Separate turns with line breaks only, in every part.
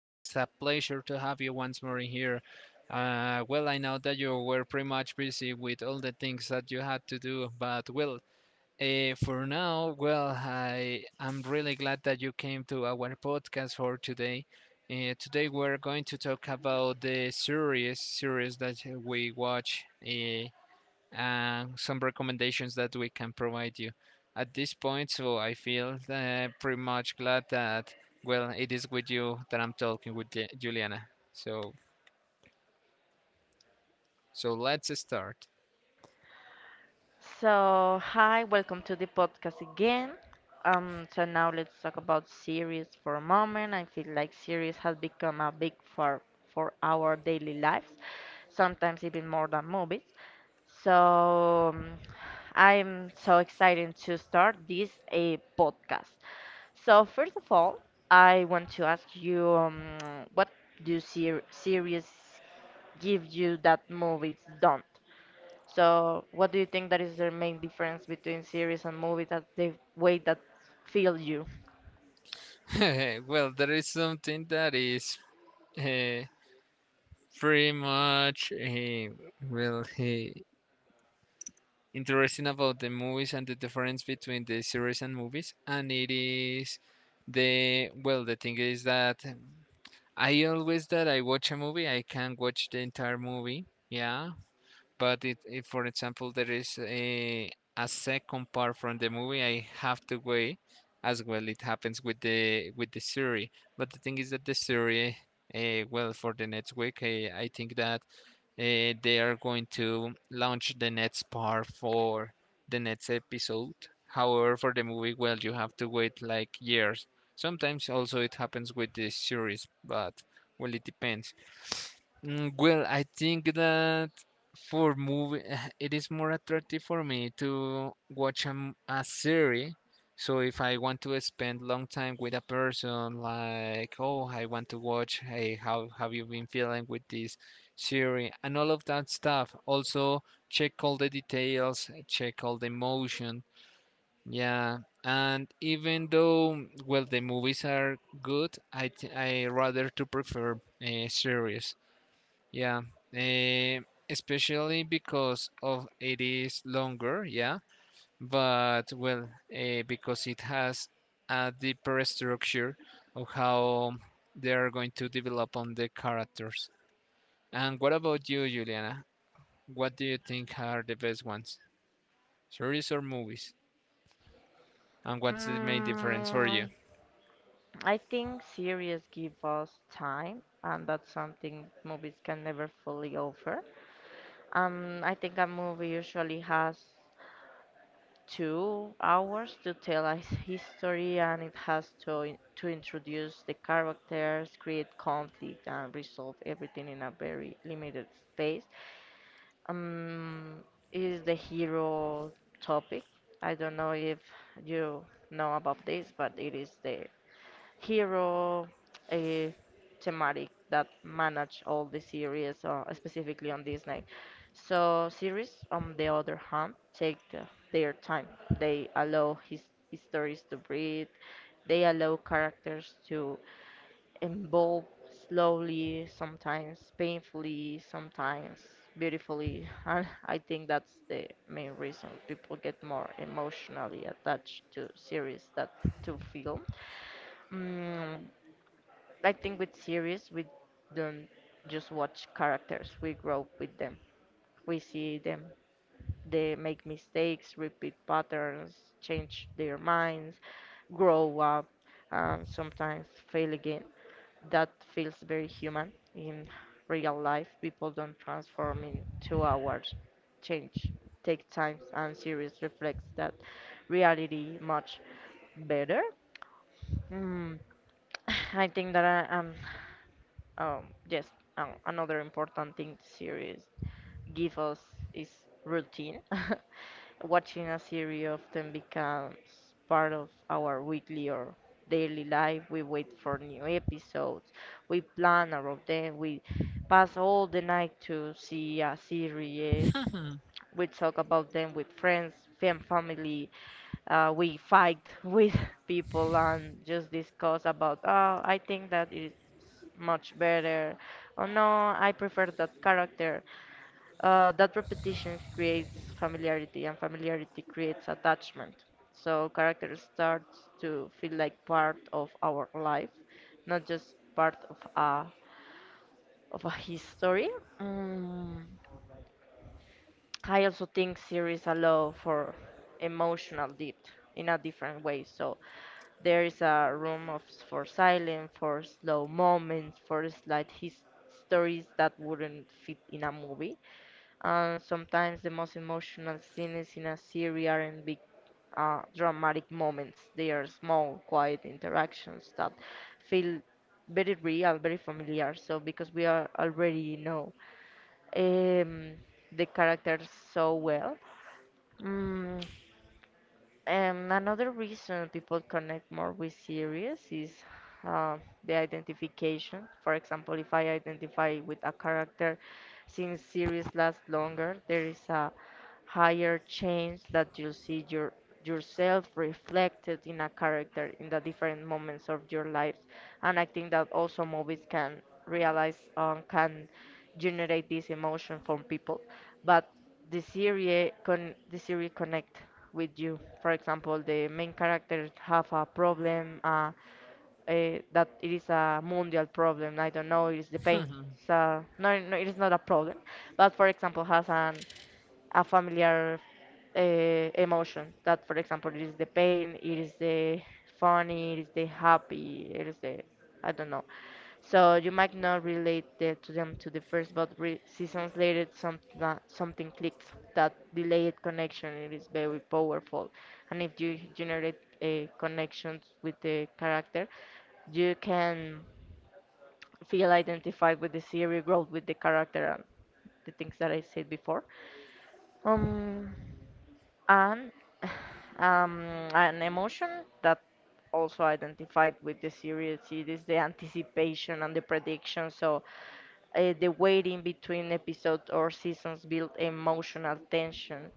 It is a pleasure to have you once more here. I know that you were pretty much busy with all the things that you had to do, but for now, I am really glad that you came to our podcast for today. Today we're going to talk about the series that we watch. And some recommendations that we can provide you at this point. So I feel pretty much glad that, well, it is with you that I'm talking with Juliana. So, so let's start.
So, hi, welcome to the podcast again. So now let's talk about series for a moment. I feel like series has become a big for our daily lives, sometimes even more than movies. So, I'm so excited to start this a podcast. So, first of all, I want to ask you, what do series give you that movies don't? So, what do you think that is the main difference between series and movie that the way that feel you?
Well, there is something that is uh, pretty much well uh, interesting about the movies and the difference between the series and movies, and it is the thing is that I always that I watch a movie, I can watch the entire movie. Yeah, but if, for example, there is a second part from the movie, I have to wait as well. It happens with the series. But the thing is that the series, well, for the next week, I think that they are going to launch the next part for the next episode. However, for the movie, well, you have to wait like years. Sometimes also it happens with the series, but well, it depends. Well, I think that for movie it is more attractive for me to watch a series. So if I want to spend long time with a person like, oh, I want to watch, hey, how have you been feeling with this series and all of that stuff. Also check all the details, check all the emotion. Yeah, and even though, well, the movies are good, I rather to prefer a series. Yeah, eh, especially because of it is longer, yeah, but well, because it has a deeper structure of how they are going to develop on the characters. And what about you, Juliana? What do you think are the best ones, series or movies? And what's the main difference for you?
Mm, I think series give us time, and that's something movies can never fully offer. I think a movie usually has 2 hours to tell a history, and it has to to introduce the characters, create conflict, and resolve everything in a very limited space. Um, is the hero topic. I don't know if you know about this, but it is the hero a thematic that manage all the series, specifically on Disney. So series, on the other hand, take their time. They allow his stories to breathe. They allow characters to evolve slowly, sometimes painfully, sometimes beautifully. And I think that's the main reason people get more emotionally attached to series than to film. Mm, I think with series, we don't just watch characters, we grow with them. We see them. They make mistakes, repeat patterns, change their minds, grow up, and sometimes fail again that feels very human. In real life, people don't transform in 2 hours. Change takes time, and series reflects that reality much better. Mm, I think that um, yes, another important thing series give us is routine. Watching a series often becomes part of our weekly or daily life. We wait for new episodes, we plan around them, we pass all the night to see a series, we talk about them with friends, family, we fight with people and just discuss about, oh, I think that is much better, oh no, I prefer that character that repetition creates familiarity, and familiarity creates attachment. So character starts to feel like part of our life, not just part of a history. Mm. I also think series allow for emotional depth in a different way. So there is a room of for silence, for slow moments, for slight his stories that wouldn't fit in a movie. And sometimes the most emotional scenes in a series aren't big dramatic moments. They are small, quiet interactions that feel very real, very familiar. So because we are already know um, the characters so well, mm, another reason people connect more with series is uh, the identification. For example, if I identify with a character, since series last longer, there is a higher chance that you'll see yourself reflected in a character in the different moments of your lives. And I think that also movies can realize can generate this emotion from people, but the series connect with you. For example, the main characters have a problem that it is a mundial problem. I don't know, it is the pain.
And
So no, no, it is not a problem. But for example, has an a familiar emotion that for example it is the pain, it is the funny, it is the happy, it is the I don't know. So you might not relate to them to the first but seasons later something clicks. That delayed connection it is very powerful. And if you generate a connections with the character you can feel identified with the series growth with the character and the things that I said before. Um and um, an emotion that also identified with the series it is the anticipation and the prediction. So the waiting between episodes or seasons build emotional tension.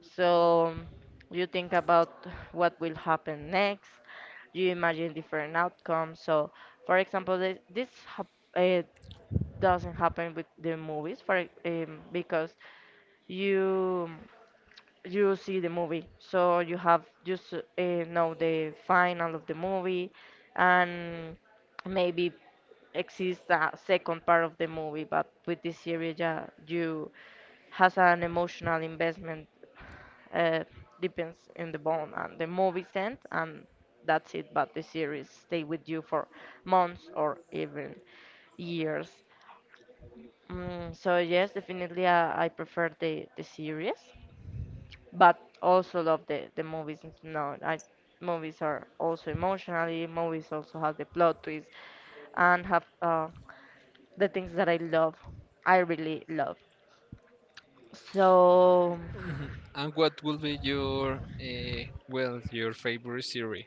So you think about what will happen next, you imagine different outcomes. So for example, this hap- uh, doesn't happen with the movies because you you see the movie so you have just know the final of the movie and maybe exists a second part of the movie, but with this series, yeah, you has an emotional investment, uh, depends in the bone and the movie's end and that's it. But the series stay with you for months or even years. So yes, definitely I prefer the series, but also love the movies. No, I movies are also emotionally. Movies also have the plot twist and have the things that I love. I really love. So
what will be your, well, your favorite series?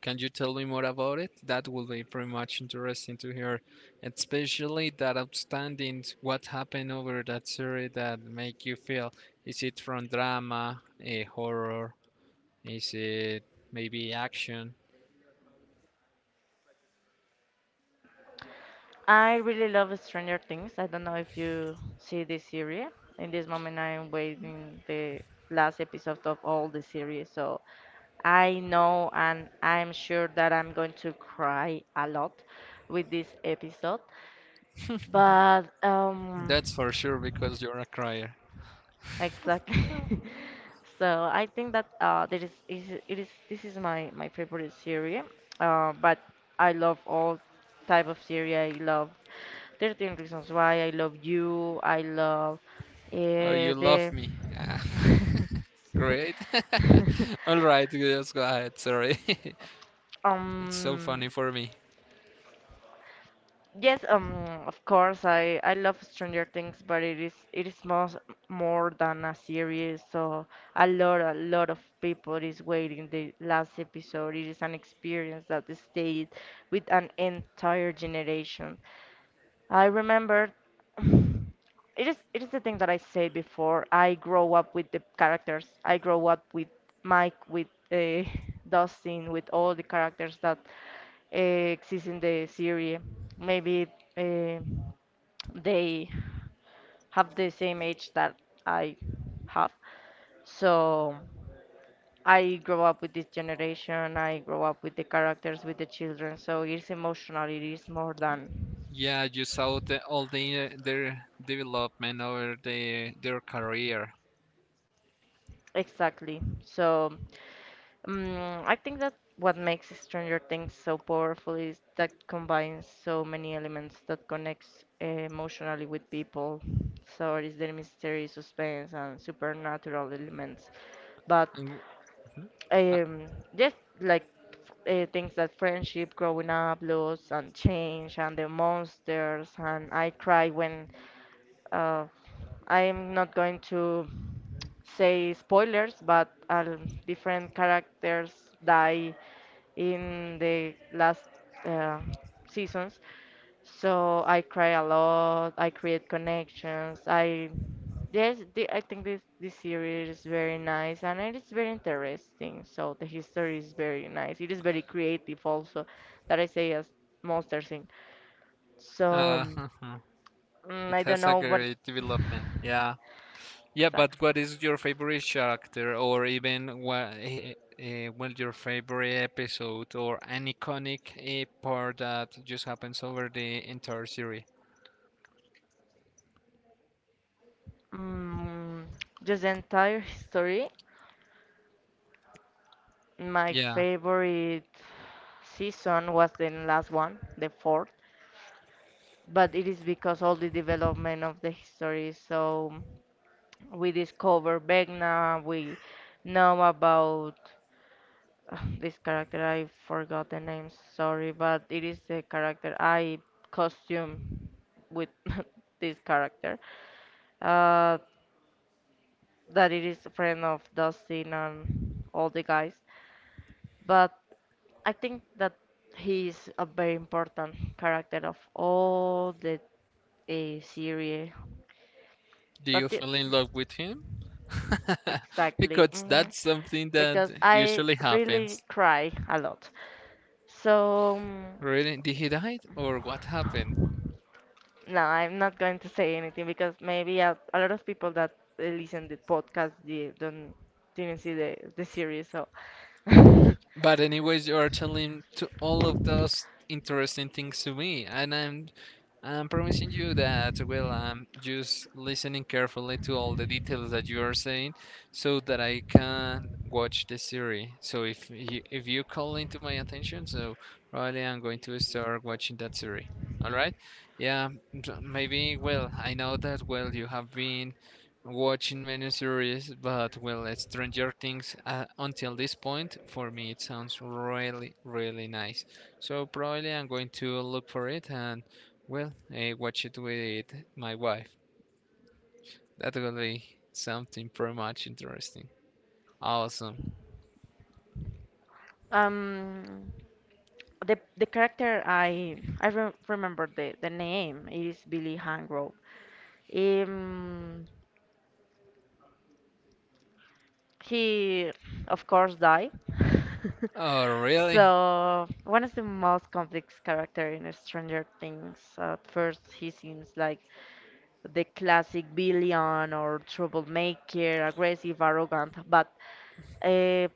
Can you tell me more about it? That will be very much interesting to hear, especially that outstanding what happened over that series that make you feel. Is it from drama, a horror? Is it maybe action?
I really love Stranger Things. I don't know if you see this series. In this moment, I am waiting the last episode of all the series. So I know and I'm sure that I'm going to cry a lot with this episode. But
That's for sure because you're a crier.
exactly. So I think that there is it is this is my favorite series. But I love all type of series. I love 13 Reasons Why. I love You. I love
Oh, you
the
love me. Ah, great. All right, just go ahead. Sorry. It's so
um
funny for me.
Yes, of course, I love Stranger Things, but it is more more than a series. So a lot of people is waiting the last episode. It is an experience that stayed with an entire generation. I remembered. It is the thing that I said before. I grow up with the characters. I grow up with Mike, with Dustin, with all the characters that uh, exist in the series. Maybe uh, they have the same age that I have. So I grow up with this generation. I grow up with the characters, with the children. So it's emotional. It is more than
Yeah, you saw the, all the, their development over the, their career.
exactly. So. I think that what makes Stranger Things so powerful is that combines so many elements that connects emotionally with people. So it is the mystery, suspense, and supernatural elements. But
And
um, just like things that friendship, growing up, loss, and change, and the monsters, and I cry when uh, I'm not going to say spoilers, but different characters die in the last uh, seasons. So I cry a lot. I create connections. I think this series is very nice and it is very interesting. So the history is very nice. It is very creative also, that I say as monster thing. So
uh, it
I don't
has a
know what.
great development. Yeah. Yeah, but
Exactly.
what is your favorite character, or even what, well, your favorite episode, or an iconic part that just happens over the entire series?
Mm, just the entire history. My
Yeah.
favorite season was the last one, the fourth, but it is because all the development of the history. So we discover Vecna. We know about this character. I forgot the name. Sorry, but it is the character I costume with this character. Uh, that it is a friend of Dustin and all the guys. But I think that he is a very important character of all the series.
Do
But
you
the,
fall in love with him?
exactly,
Because
mhm,
that's something that
because I
usually
really
happens.
cry a lot. So
Really? Did he die or what happened?
no, I'm not going to say anything because maybe a lot of people that listen the podcast they don't didn't see the series. So
But anyways, you are telling to all of those interesting things to me, and I'm promising you that, well, I'm just listening carefully to all the details that you are saying so that I can watch the series. So if you call into my attention, so probably I'm going to start watching that series. All right? Yeah, so maybe, well, I know that, well, you have been watching many series, but, well, Stranger Things until this point, for me, it sounds really, really nice. So probably I'm going to look for it and well, I watch it with my wife. That will be something pretty much interesting. Awesome.
um, the character I re remember the name is Billy Hangrove. Um, he, of course, died.
Oh, really?
So, one of the most complex character in Stranger Things. At first, he seems like the classic villain or troublemaker, aggressive, arrogant, but uh,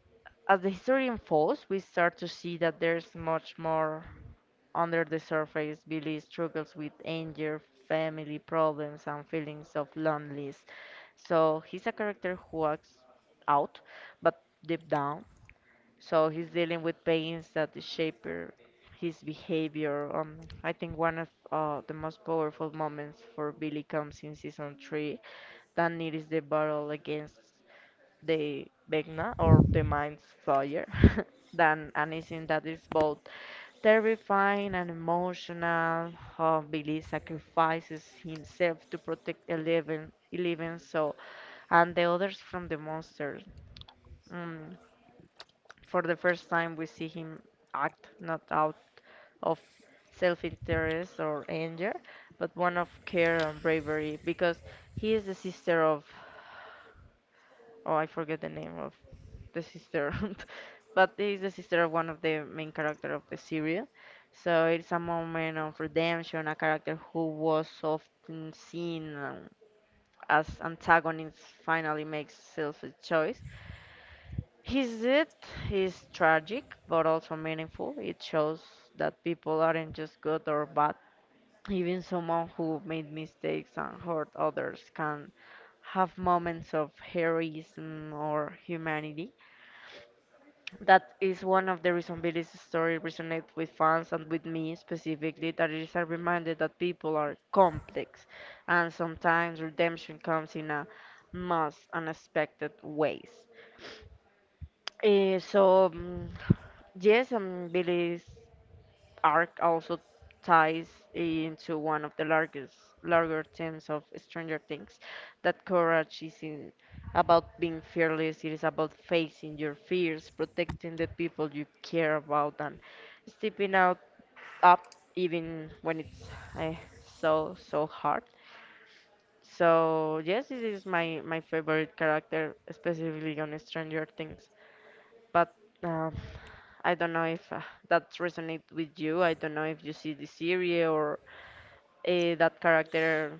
as the history unfolds, we start to see that there's much more under the surface. Billy struggles with anger, family problems, and feelings of loneliness. So he's a character who acts out, but deep down. So he's dealing with pains that shape his behavior. I think one of the most powerful moments for Billy comes in season 3, then it is the battle against the vagina or the mind's fire than anything that is both terrifying and emotional. How Billy sacrifices himself to protect Eleven so and the others from the monsters. Mm. For the first time, we see him act not out of self interest or anger, but one of care and bravery because he is the sister of. Oh, I forget the name of the sister, but is the sister of one of the main character of the series. So it's a moment of redemption, a character who was often seen as antagonist finally makes self a choice. His death is tragic but also meaningful. It shows that people aren't just good or bad. Even someone who made mistakes and hurt others can have moments of heroism or humanity. That is one of the reasons Billy's story resonates with fans and with me specifically, that it is a reminder that people are complex and sometimes redemption comes in a most unexpected ways. Eh, so, mm, yes, Billy's arc also ties into one of the larger themes of Stranger Things, that courage isn't about being fearless, it is about facing your fears, protecting the people you care about, and stepping out up even when it's eh, so hard. So yes, this is my favorite character, specifically on Stranger Things. But um, I don't know if that resonates with you. I don't know if you see the series or that character.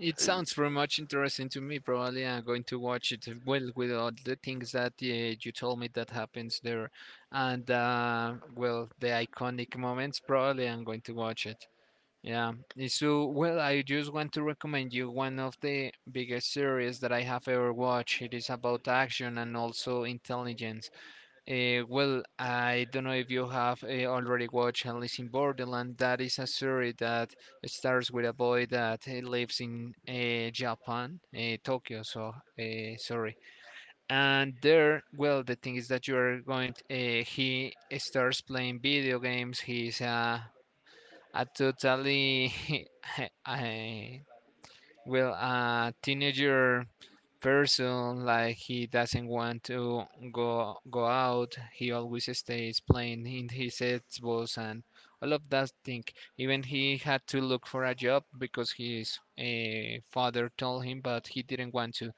It sounds pretty much interesting to me. Probably I'm going to watch it well with all the things that you told me that happens there, and well, the iconic moments. Probably I'm going to watch it. Yeah. Eh, so, well, I just want to recommend you one of the biggest series that I have ever watched. It is about action and also intelligence. Well, I don't know if you have already watched Alice in Borderland. That is a series that starts with a boy that lives in Japan, Tokyo. So sorry. And there, well, the thing is that you are going. Uh, he starts playing video games. He's a totally uh, well, a teenager person like he doesn't want to go out. He always stays playing in his Xbox and all of that thing. Even he had to look for a job because his father told him, but he didn't want to.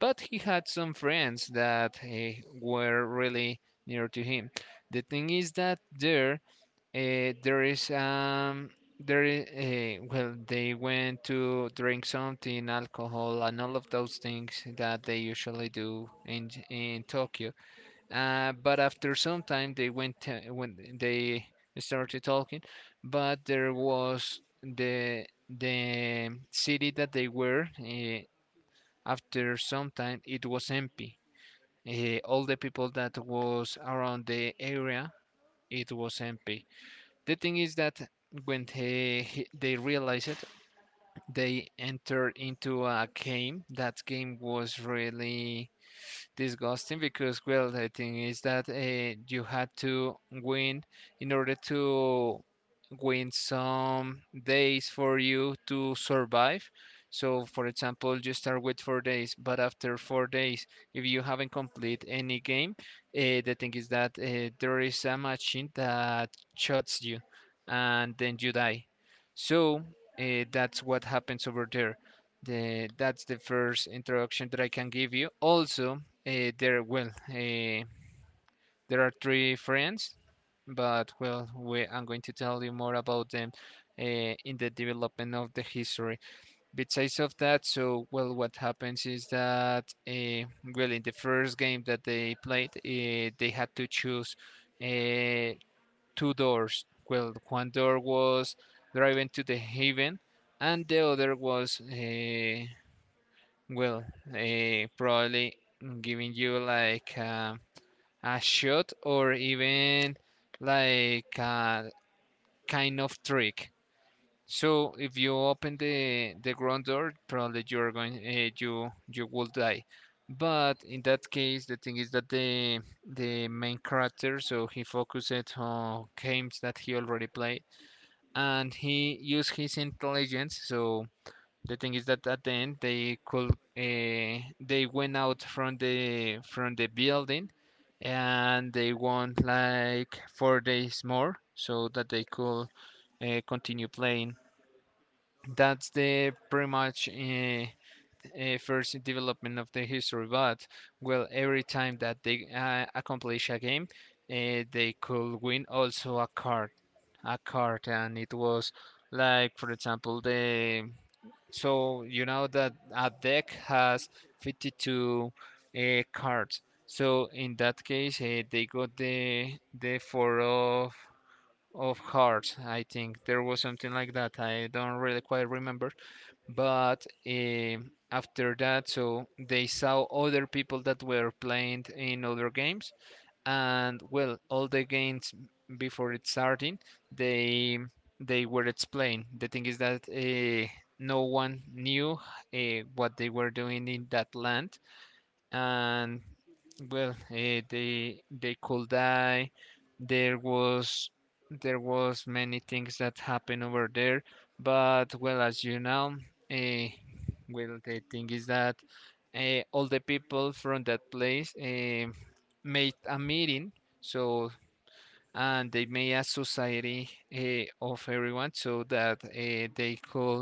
But he had some friends that were really near to him. The thing is that there is there well they went to drink something alcohol and all of those things that they usually do in in Tokyo. But after some time they went to, when they started talking, but there was the city that they were after some time it was empty. All the people that was around the area it was empty. The thing is that when they realize it, they enter into a game. That game was really disgusting because, well, the thing is that you had to win in order to win some days for you to survive. So, for example, you start with 4 days, but after 4 days, if you haven't complete any game, the thing is that there is a machine that shoots you, and then you die. So that's what happens over there. That's the first introduction that I can give you. Also, there, well, there are three friends, but I'm going to tell you more about them in the development of the history. Besides of that, so well, what happens is that well, in the first game that they played, they had to choose uh, two doors. Well, one door was driving to the haven, and the other was well, probably giving you like. A shot or even like a kind of trick. So if you open the ground door, probably you're going you you will die. But in that case, the thing is that the main character, so he focused on games that he already played, and he used his intelligence, so the thing is that at the end they could they went out from the building and they want like 4 days more so that they could continue playing. That's the pretty much first development of the history. But well, every time that they accomplish a game, they could win also a card, and it was like, for example, the so you know that a deck has 52 cards. So in that case, they got the four of hearts. I think there was something like that. I don't really quite remember. But after that, so they saw other people that were playing in other games, and well all the games before it starting they they were explained. The thing is that no one knew what they were doing in that land, and well, eh, they could die. There was there was many things that happened over there, but well, as you know, eh, well, the thing is that eh, all the people from that place eh, made a meeting, so and they made a society eh, of everyone so that eh, they could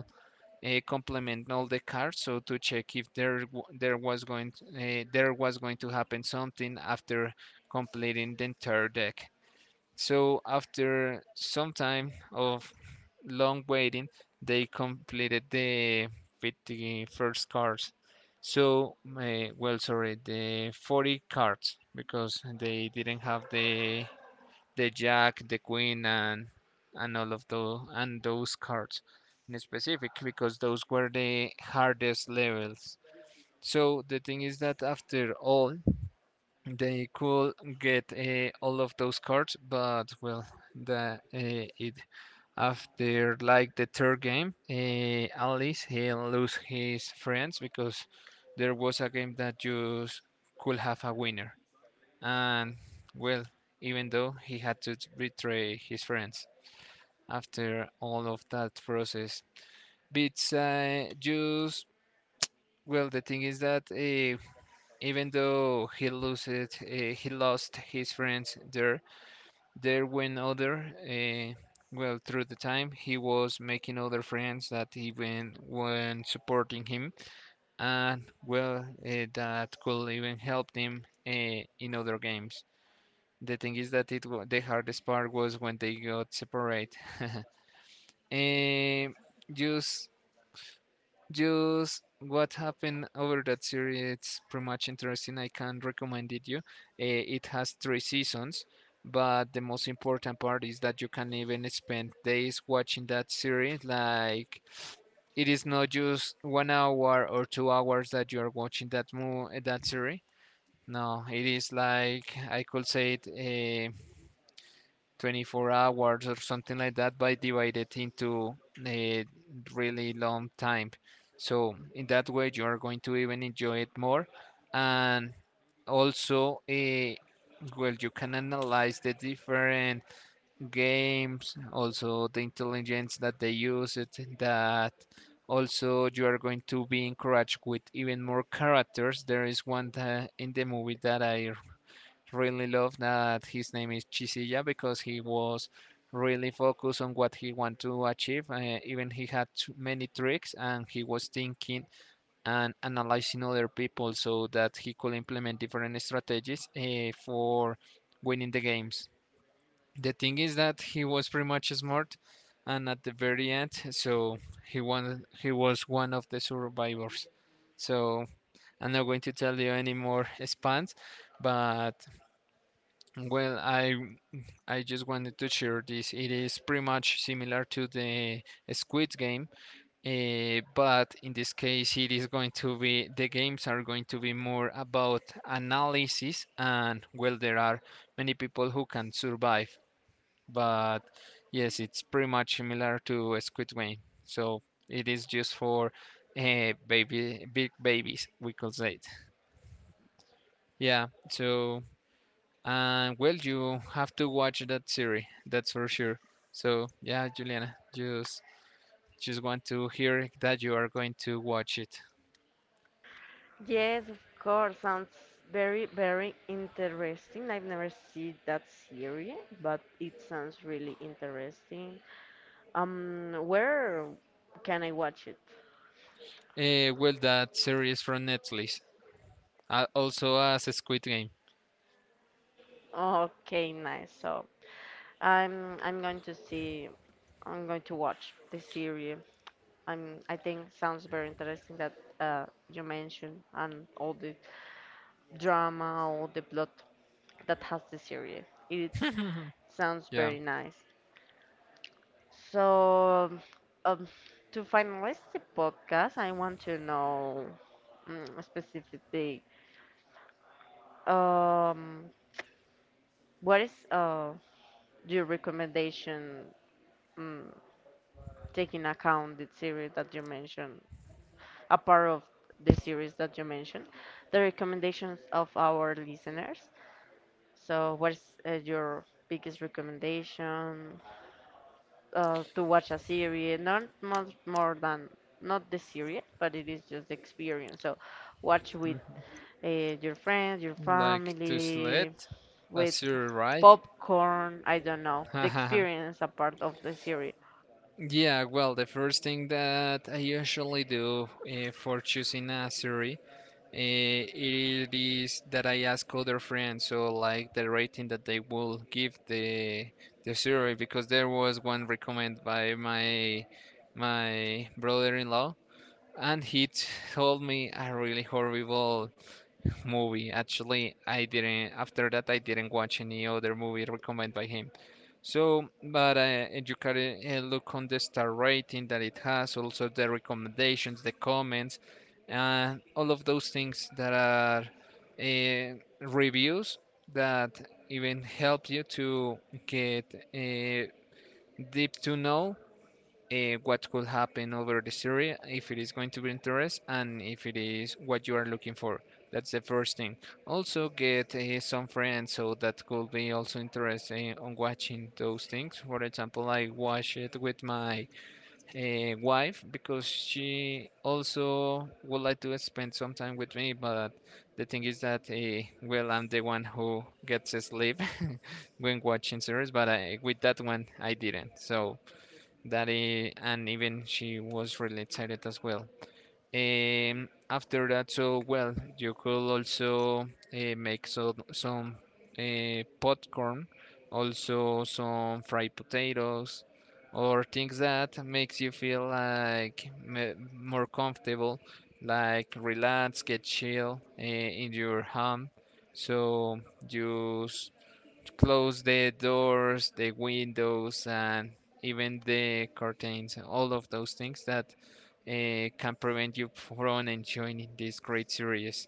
complement all the cards so to check if there was going to, uh, happen something after completing the entire deck. So after some time of long waiting, they completed the 51st cards. So well, sorry, the 40 cards because they didn't have the Jack, the Queen, and all of those cards in specific because those were the hardest levels. So the thing is that after all, they could get all of those cards, but well, the it after like the third game, Alice he lose his friends because there was a game that you could have a winner. And, well, even though he had to betray his friends after all of that process. But well, the thing is that even though he loses, he lost his friends there, there went other. Well, through the time, he was making other friends that even when supporting him, and well, that could even help him in other games. The thing is that it the hardest part was when they got separate. Um, just just what happened over that series. It's pretty much interesting. I can recommend it you. It has three seasons, but the most important part is that you can even spend days watching that series. Like it is not just 1 hour or 2 hours that you are watching that mo that series. No, it is like I could say it. 24 hours or something like that by divided into a really long time, so in that way you are going to even enjoy it more, and also well you can analyze the different games, also the intelligence that they use it, that also you are going to be encouraged with even more characters. There is one that in the movie that I really love that his name is Chisilla because he was really focused on what he wanted to achieve. Even he had too many tricks, and he was thinking and analyzing other people so that he could implement different strategies for winning the games. The thing is that he was pretty much smart, and at the very end, so he won, he was one of the survivors. So I'm not going to tell you any more spans, but well, I just wanted to share this. It is pretty much similar to the Squid Game, but in this case, it is going to be the games are going to be more about analysis, and well, there are many people who can survive. But yes, it's pretty much similar to a Squid Game, so it is just for baby, big babies, we could say it. Yeah, so. And well, you have to watch that series, that's for sure. So yeah, Juliana, just want to hear that you are going to watch it.
Yes, of course. Sounds very, very interesting. I've never seen that series, but it sounds really interesting. Where can I watch it?
Well, that series from Netflix, also as a Squid Game.
Okay, nice. So I'm I'm going to see I'm going to watch the series. I think sounds very interesting that you mentioned, and all the drama, all the plot that has the series. It sounds
Yeah,
very nice. So, um, to finalize the podcast, I want to know specifically, um, what is your recommendation, mm, taking account the series that you mentioned? A part of the series that you mentioned, the recommendations of our listeners. So, what's your biggest recommendation to watch a series? Not much more than not the series, but it is just the experience. So, watch with
mhm.
your friends, your
Like to
family,
select a
with
series, right?
popcorn. I don't know, the experience a part of the series.
Yeah. Well, the first thing that I usually do for choosing a series. It is that I ask other friends, so like the rating that they will give the survey, because there was one recommend by my brother-in-law, and he told me a really horrible movie. Actually, I didn't. After that, I didn't watch any other movie recommended by him. So, but you can look on the star rating that it has, also the recommendations, the comments, and all of those things that are reviews that even help you to get deep to know what could happen over the series, if it is going to be interest, and if it is what you are looking for. That's the first thing. Also, get some friends so that could be also interested on watching those things. For example, I watch it with my wife because she also would like to spend some time with me, but the thing is that, well, I'm the one who gets asleep when watching series, but I, with that one, I didn't. So that he and even she was really excited as well. After that, so well, you could also make so, some popcorn, also some fried potatoes, or things that makes you feel like more comfortable, like relax, get chill in your home. So use close the doors, the windows, and even the curtains, all of those things that can prevent you from enjoying this great series.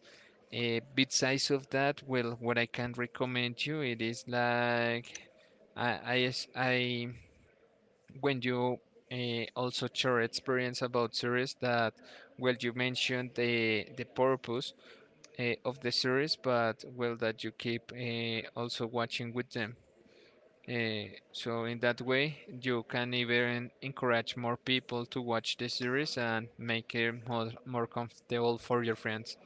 Besides of that, well, what I can recommend you, it is like I, I, I when you also share experience about series that, well, you mentioned the purpose of the series, but well, that you keep also watching with them. So in that way, you can even encourage more people to watch the series and make it more, more comfortable for your friends.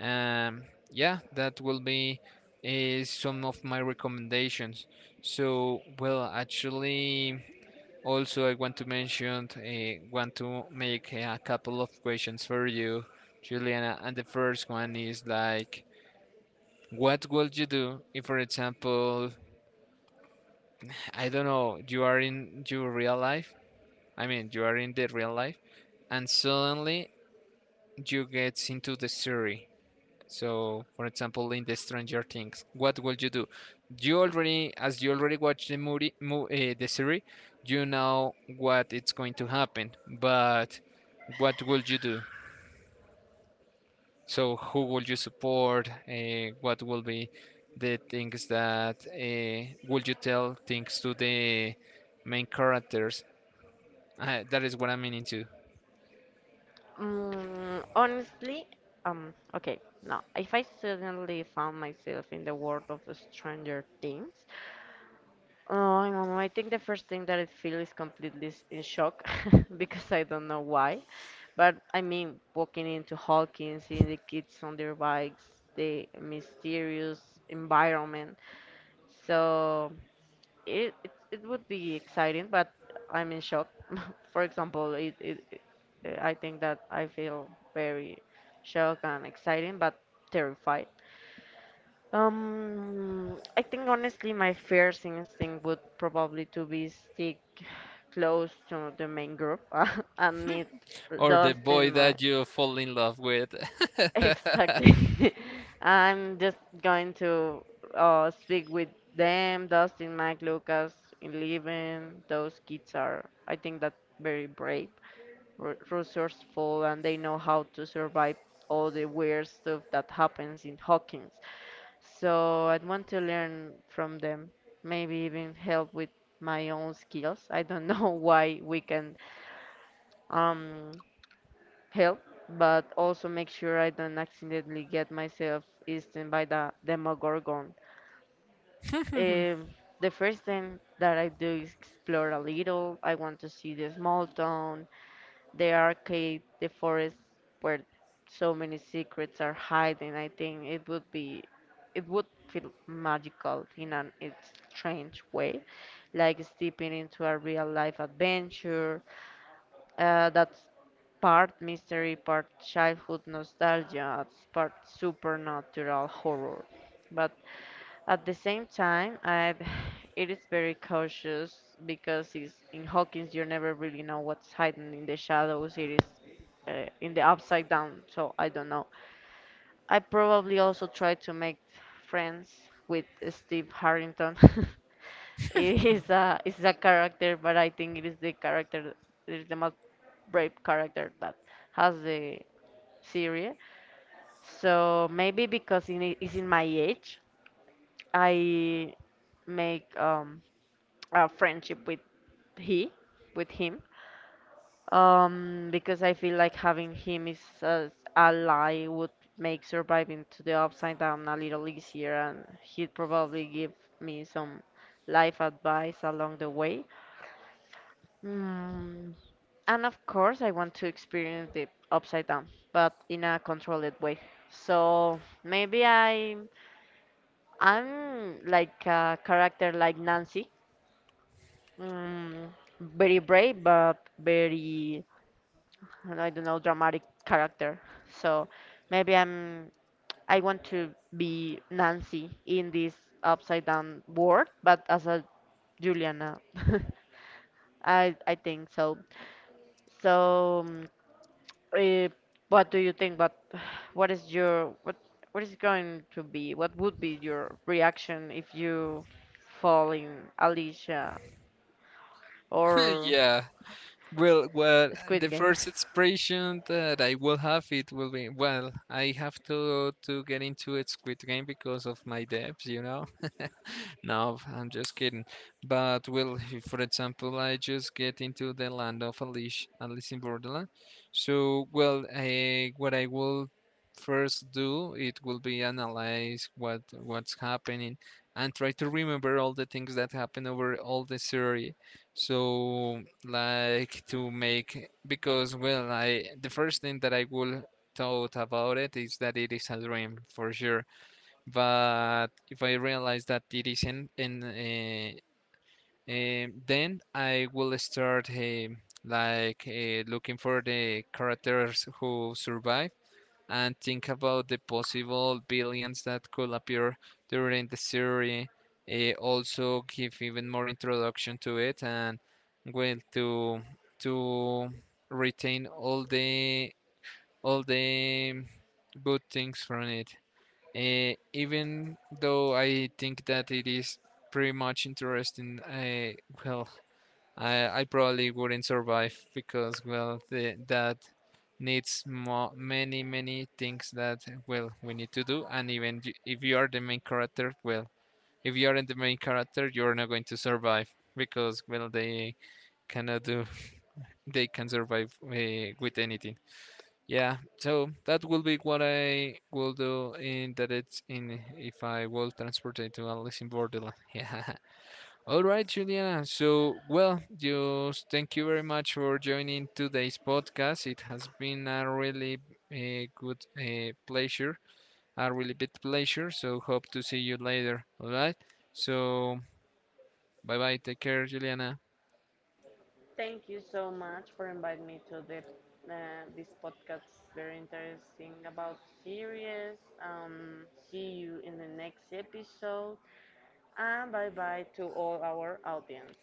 Um, yeah, that will be some of my recommendations. So, well, actually, also I want to mention, want to make a couple of questions for you, Juliana. And the first one is like, what would you do if, for example, I don't know, you are in your real life, I mean, you are in the real life, and suddenly you get into the story. So, for example, in the Stranger Things, what will you do? You already, as you already watched the movie, mo the series, you know what it's going to happen. But what will you do? So, who will you support? What will be the things that will you tell things to the main characters? That is what I'm meaning to.
Honestly, okay, no. If I suddenly found myself in the world of Stranger Things, oh, I don't know. I think the first thing that I feel is completely in shock because I don't know why. But I mean, walking into Hawkins, seeing the kids on their bikes, the mysterious environment. So it would be exciting, but I'm in shock. For example, it I think that I feel very shocked and exciting, but terrified. I think honestly, my first instinct would probably to be stick close to the main group and meet
Or the
dust in
boy
my.
that you fall in love with.
Exactly. I'm just going to speak with them, Dustin, Mike, Lucas, Eleven. Those kids are, I think, that very brave, resourceful, and they know how to survive all the weird stuff that happens in Hawkins. So I'd want to learn from them, maybe even help with my own skills. I don't know why we can um help, but also make sure I don't accidentally get myself eaten by the Demogorgon. Um, the first thing that I do is explore a little. I want to see the small town, the arcade, the forest where so many secrets are hiding. I think it would be, it would feel magical in an it's strange way, like stepping into a real life adventure. That's part mystery, part childhood nostalgia, it's part supernatural horror. But at the same time, I it is very cautious because it's, in Hawkins you never really know what's hidden in the shadows. It is in the upside down, so I don't know. I probably also try to make friends with Steve Harrington. It's a character, but I think it is the character that is the most brave character that has the series. So maybe because in it is in my age, I make a friendship with he, with him, because I feel like having him is as ally would make surviving to the upside down a little easier, and he'd probably give me some life advice along the way. Mm, And of course, I want to experience the upside down, but in a controlled way. So maybe I'm like a character like Nancy, mm, very brave but very, I don't know, dramatic character. So maybe I want to be Nancy in this upside down world, but as a Juliana. I think so. So mm, Uh, what do you think? But what is your what what is going to be? What would be your reaction if you fall in Alicia or
Yeah. Well, well, the
Squid Game?
first expression that I will have it will be well. I have to get into a Squid Game because of my debts, you know. No, I'm just kidding. But well, if, for example, I just get into the land of Alice, Alice in Borderland. So, well, I, what I will first do, it will be analyze what's happening and try to remember all the things that happen over all the series. So, like to make because well, I the first thing that I will thought about it is that it is a dream for sure, but if I realize that it isn't, and then I will start looking for the characters who survive and think about the possible villains that could appear during the series. Also give even more introduction to it and well to retain all the good things from it. Even though I think that it is pretty much interesting, I well, I probably wouldn't survive because well, the, that needs mo many many things that well we need to do, and even if you are the main character, well, if you aren't the main character, you're not going to survive because well, they cannot do they can survive with anything. Yeah, so that will be what I will do in that it's in if I will transport it to Alice in Borderland. Yeah. All right, Juliana. So, well, just thank you very much for joining today's podcast. It has been a really good pleasure, a really big pleasure. So, hope to see you later. All right. So, bye bye. Take care, Juliana.
Thank you so much for inviting me to the this podcast. Very interesting about series. See you in the next episode, and bye bye to all our audience.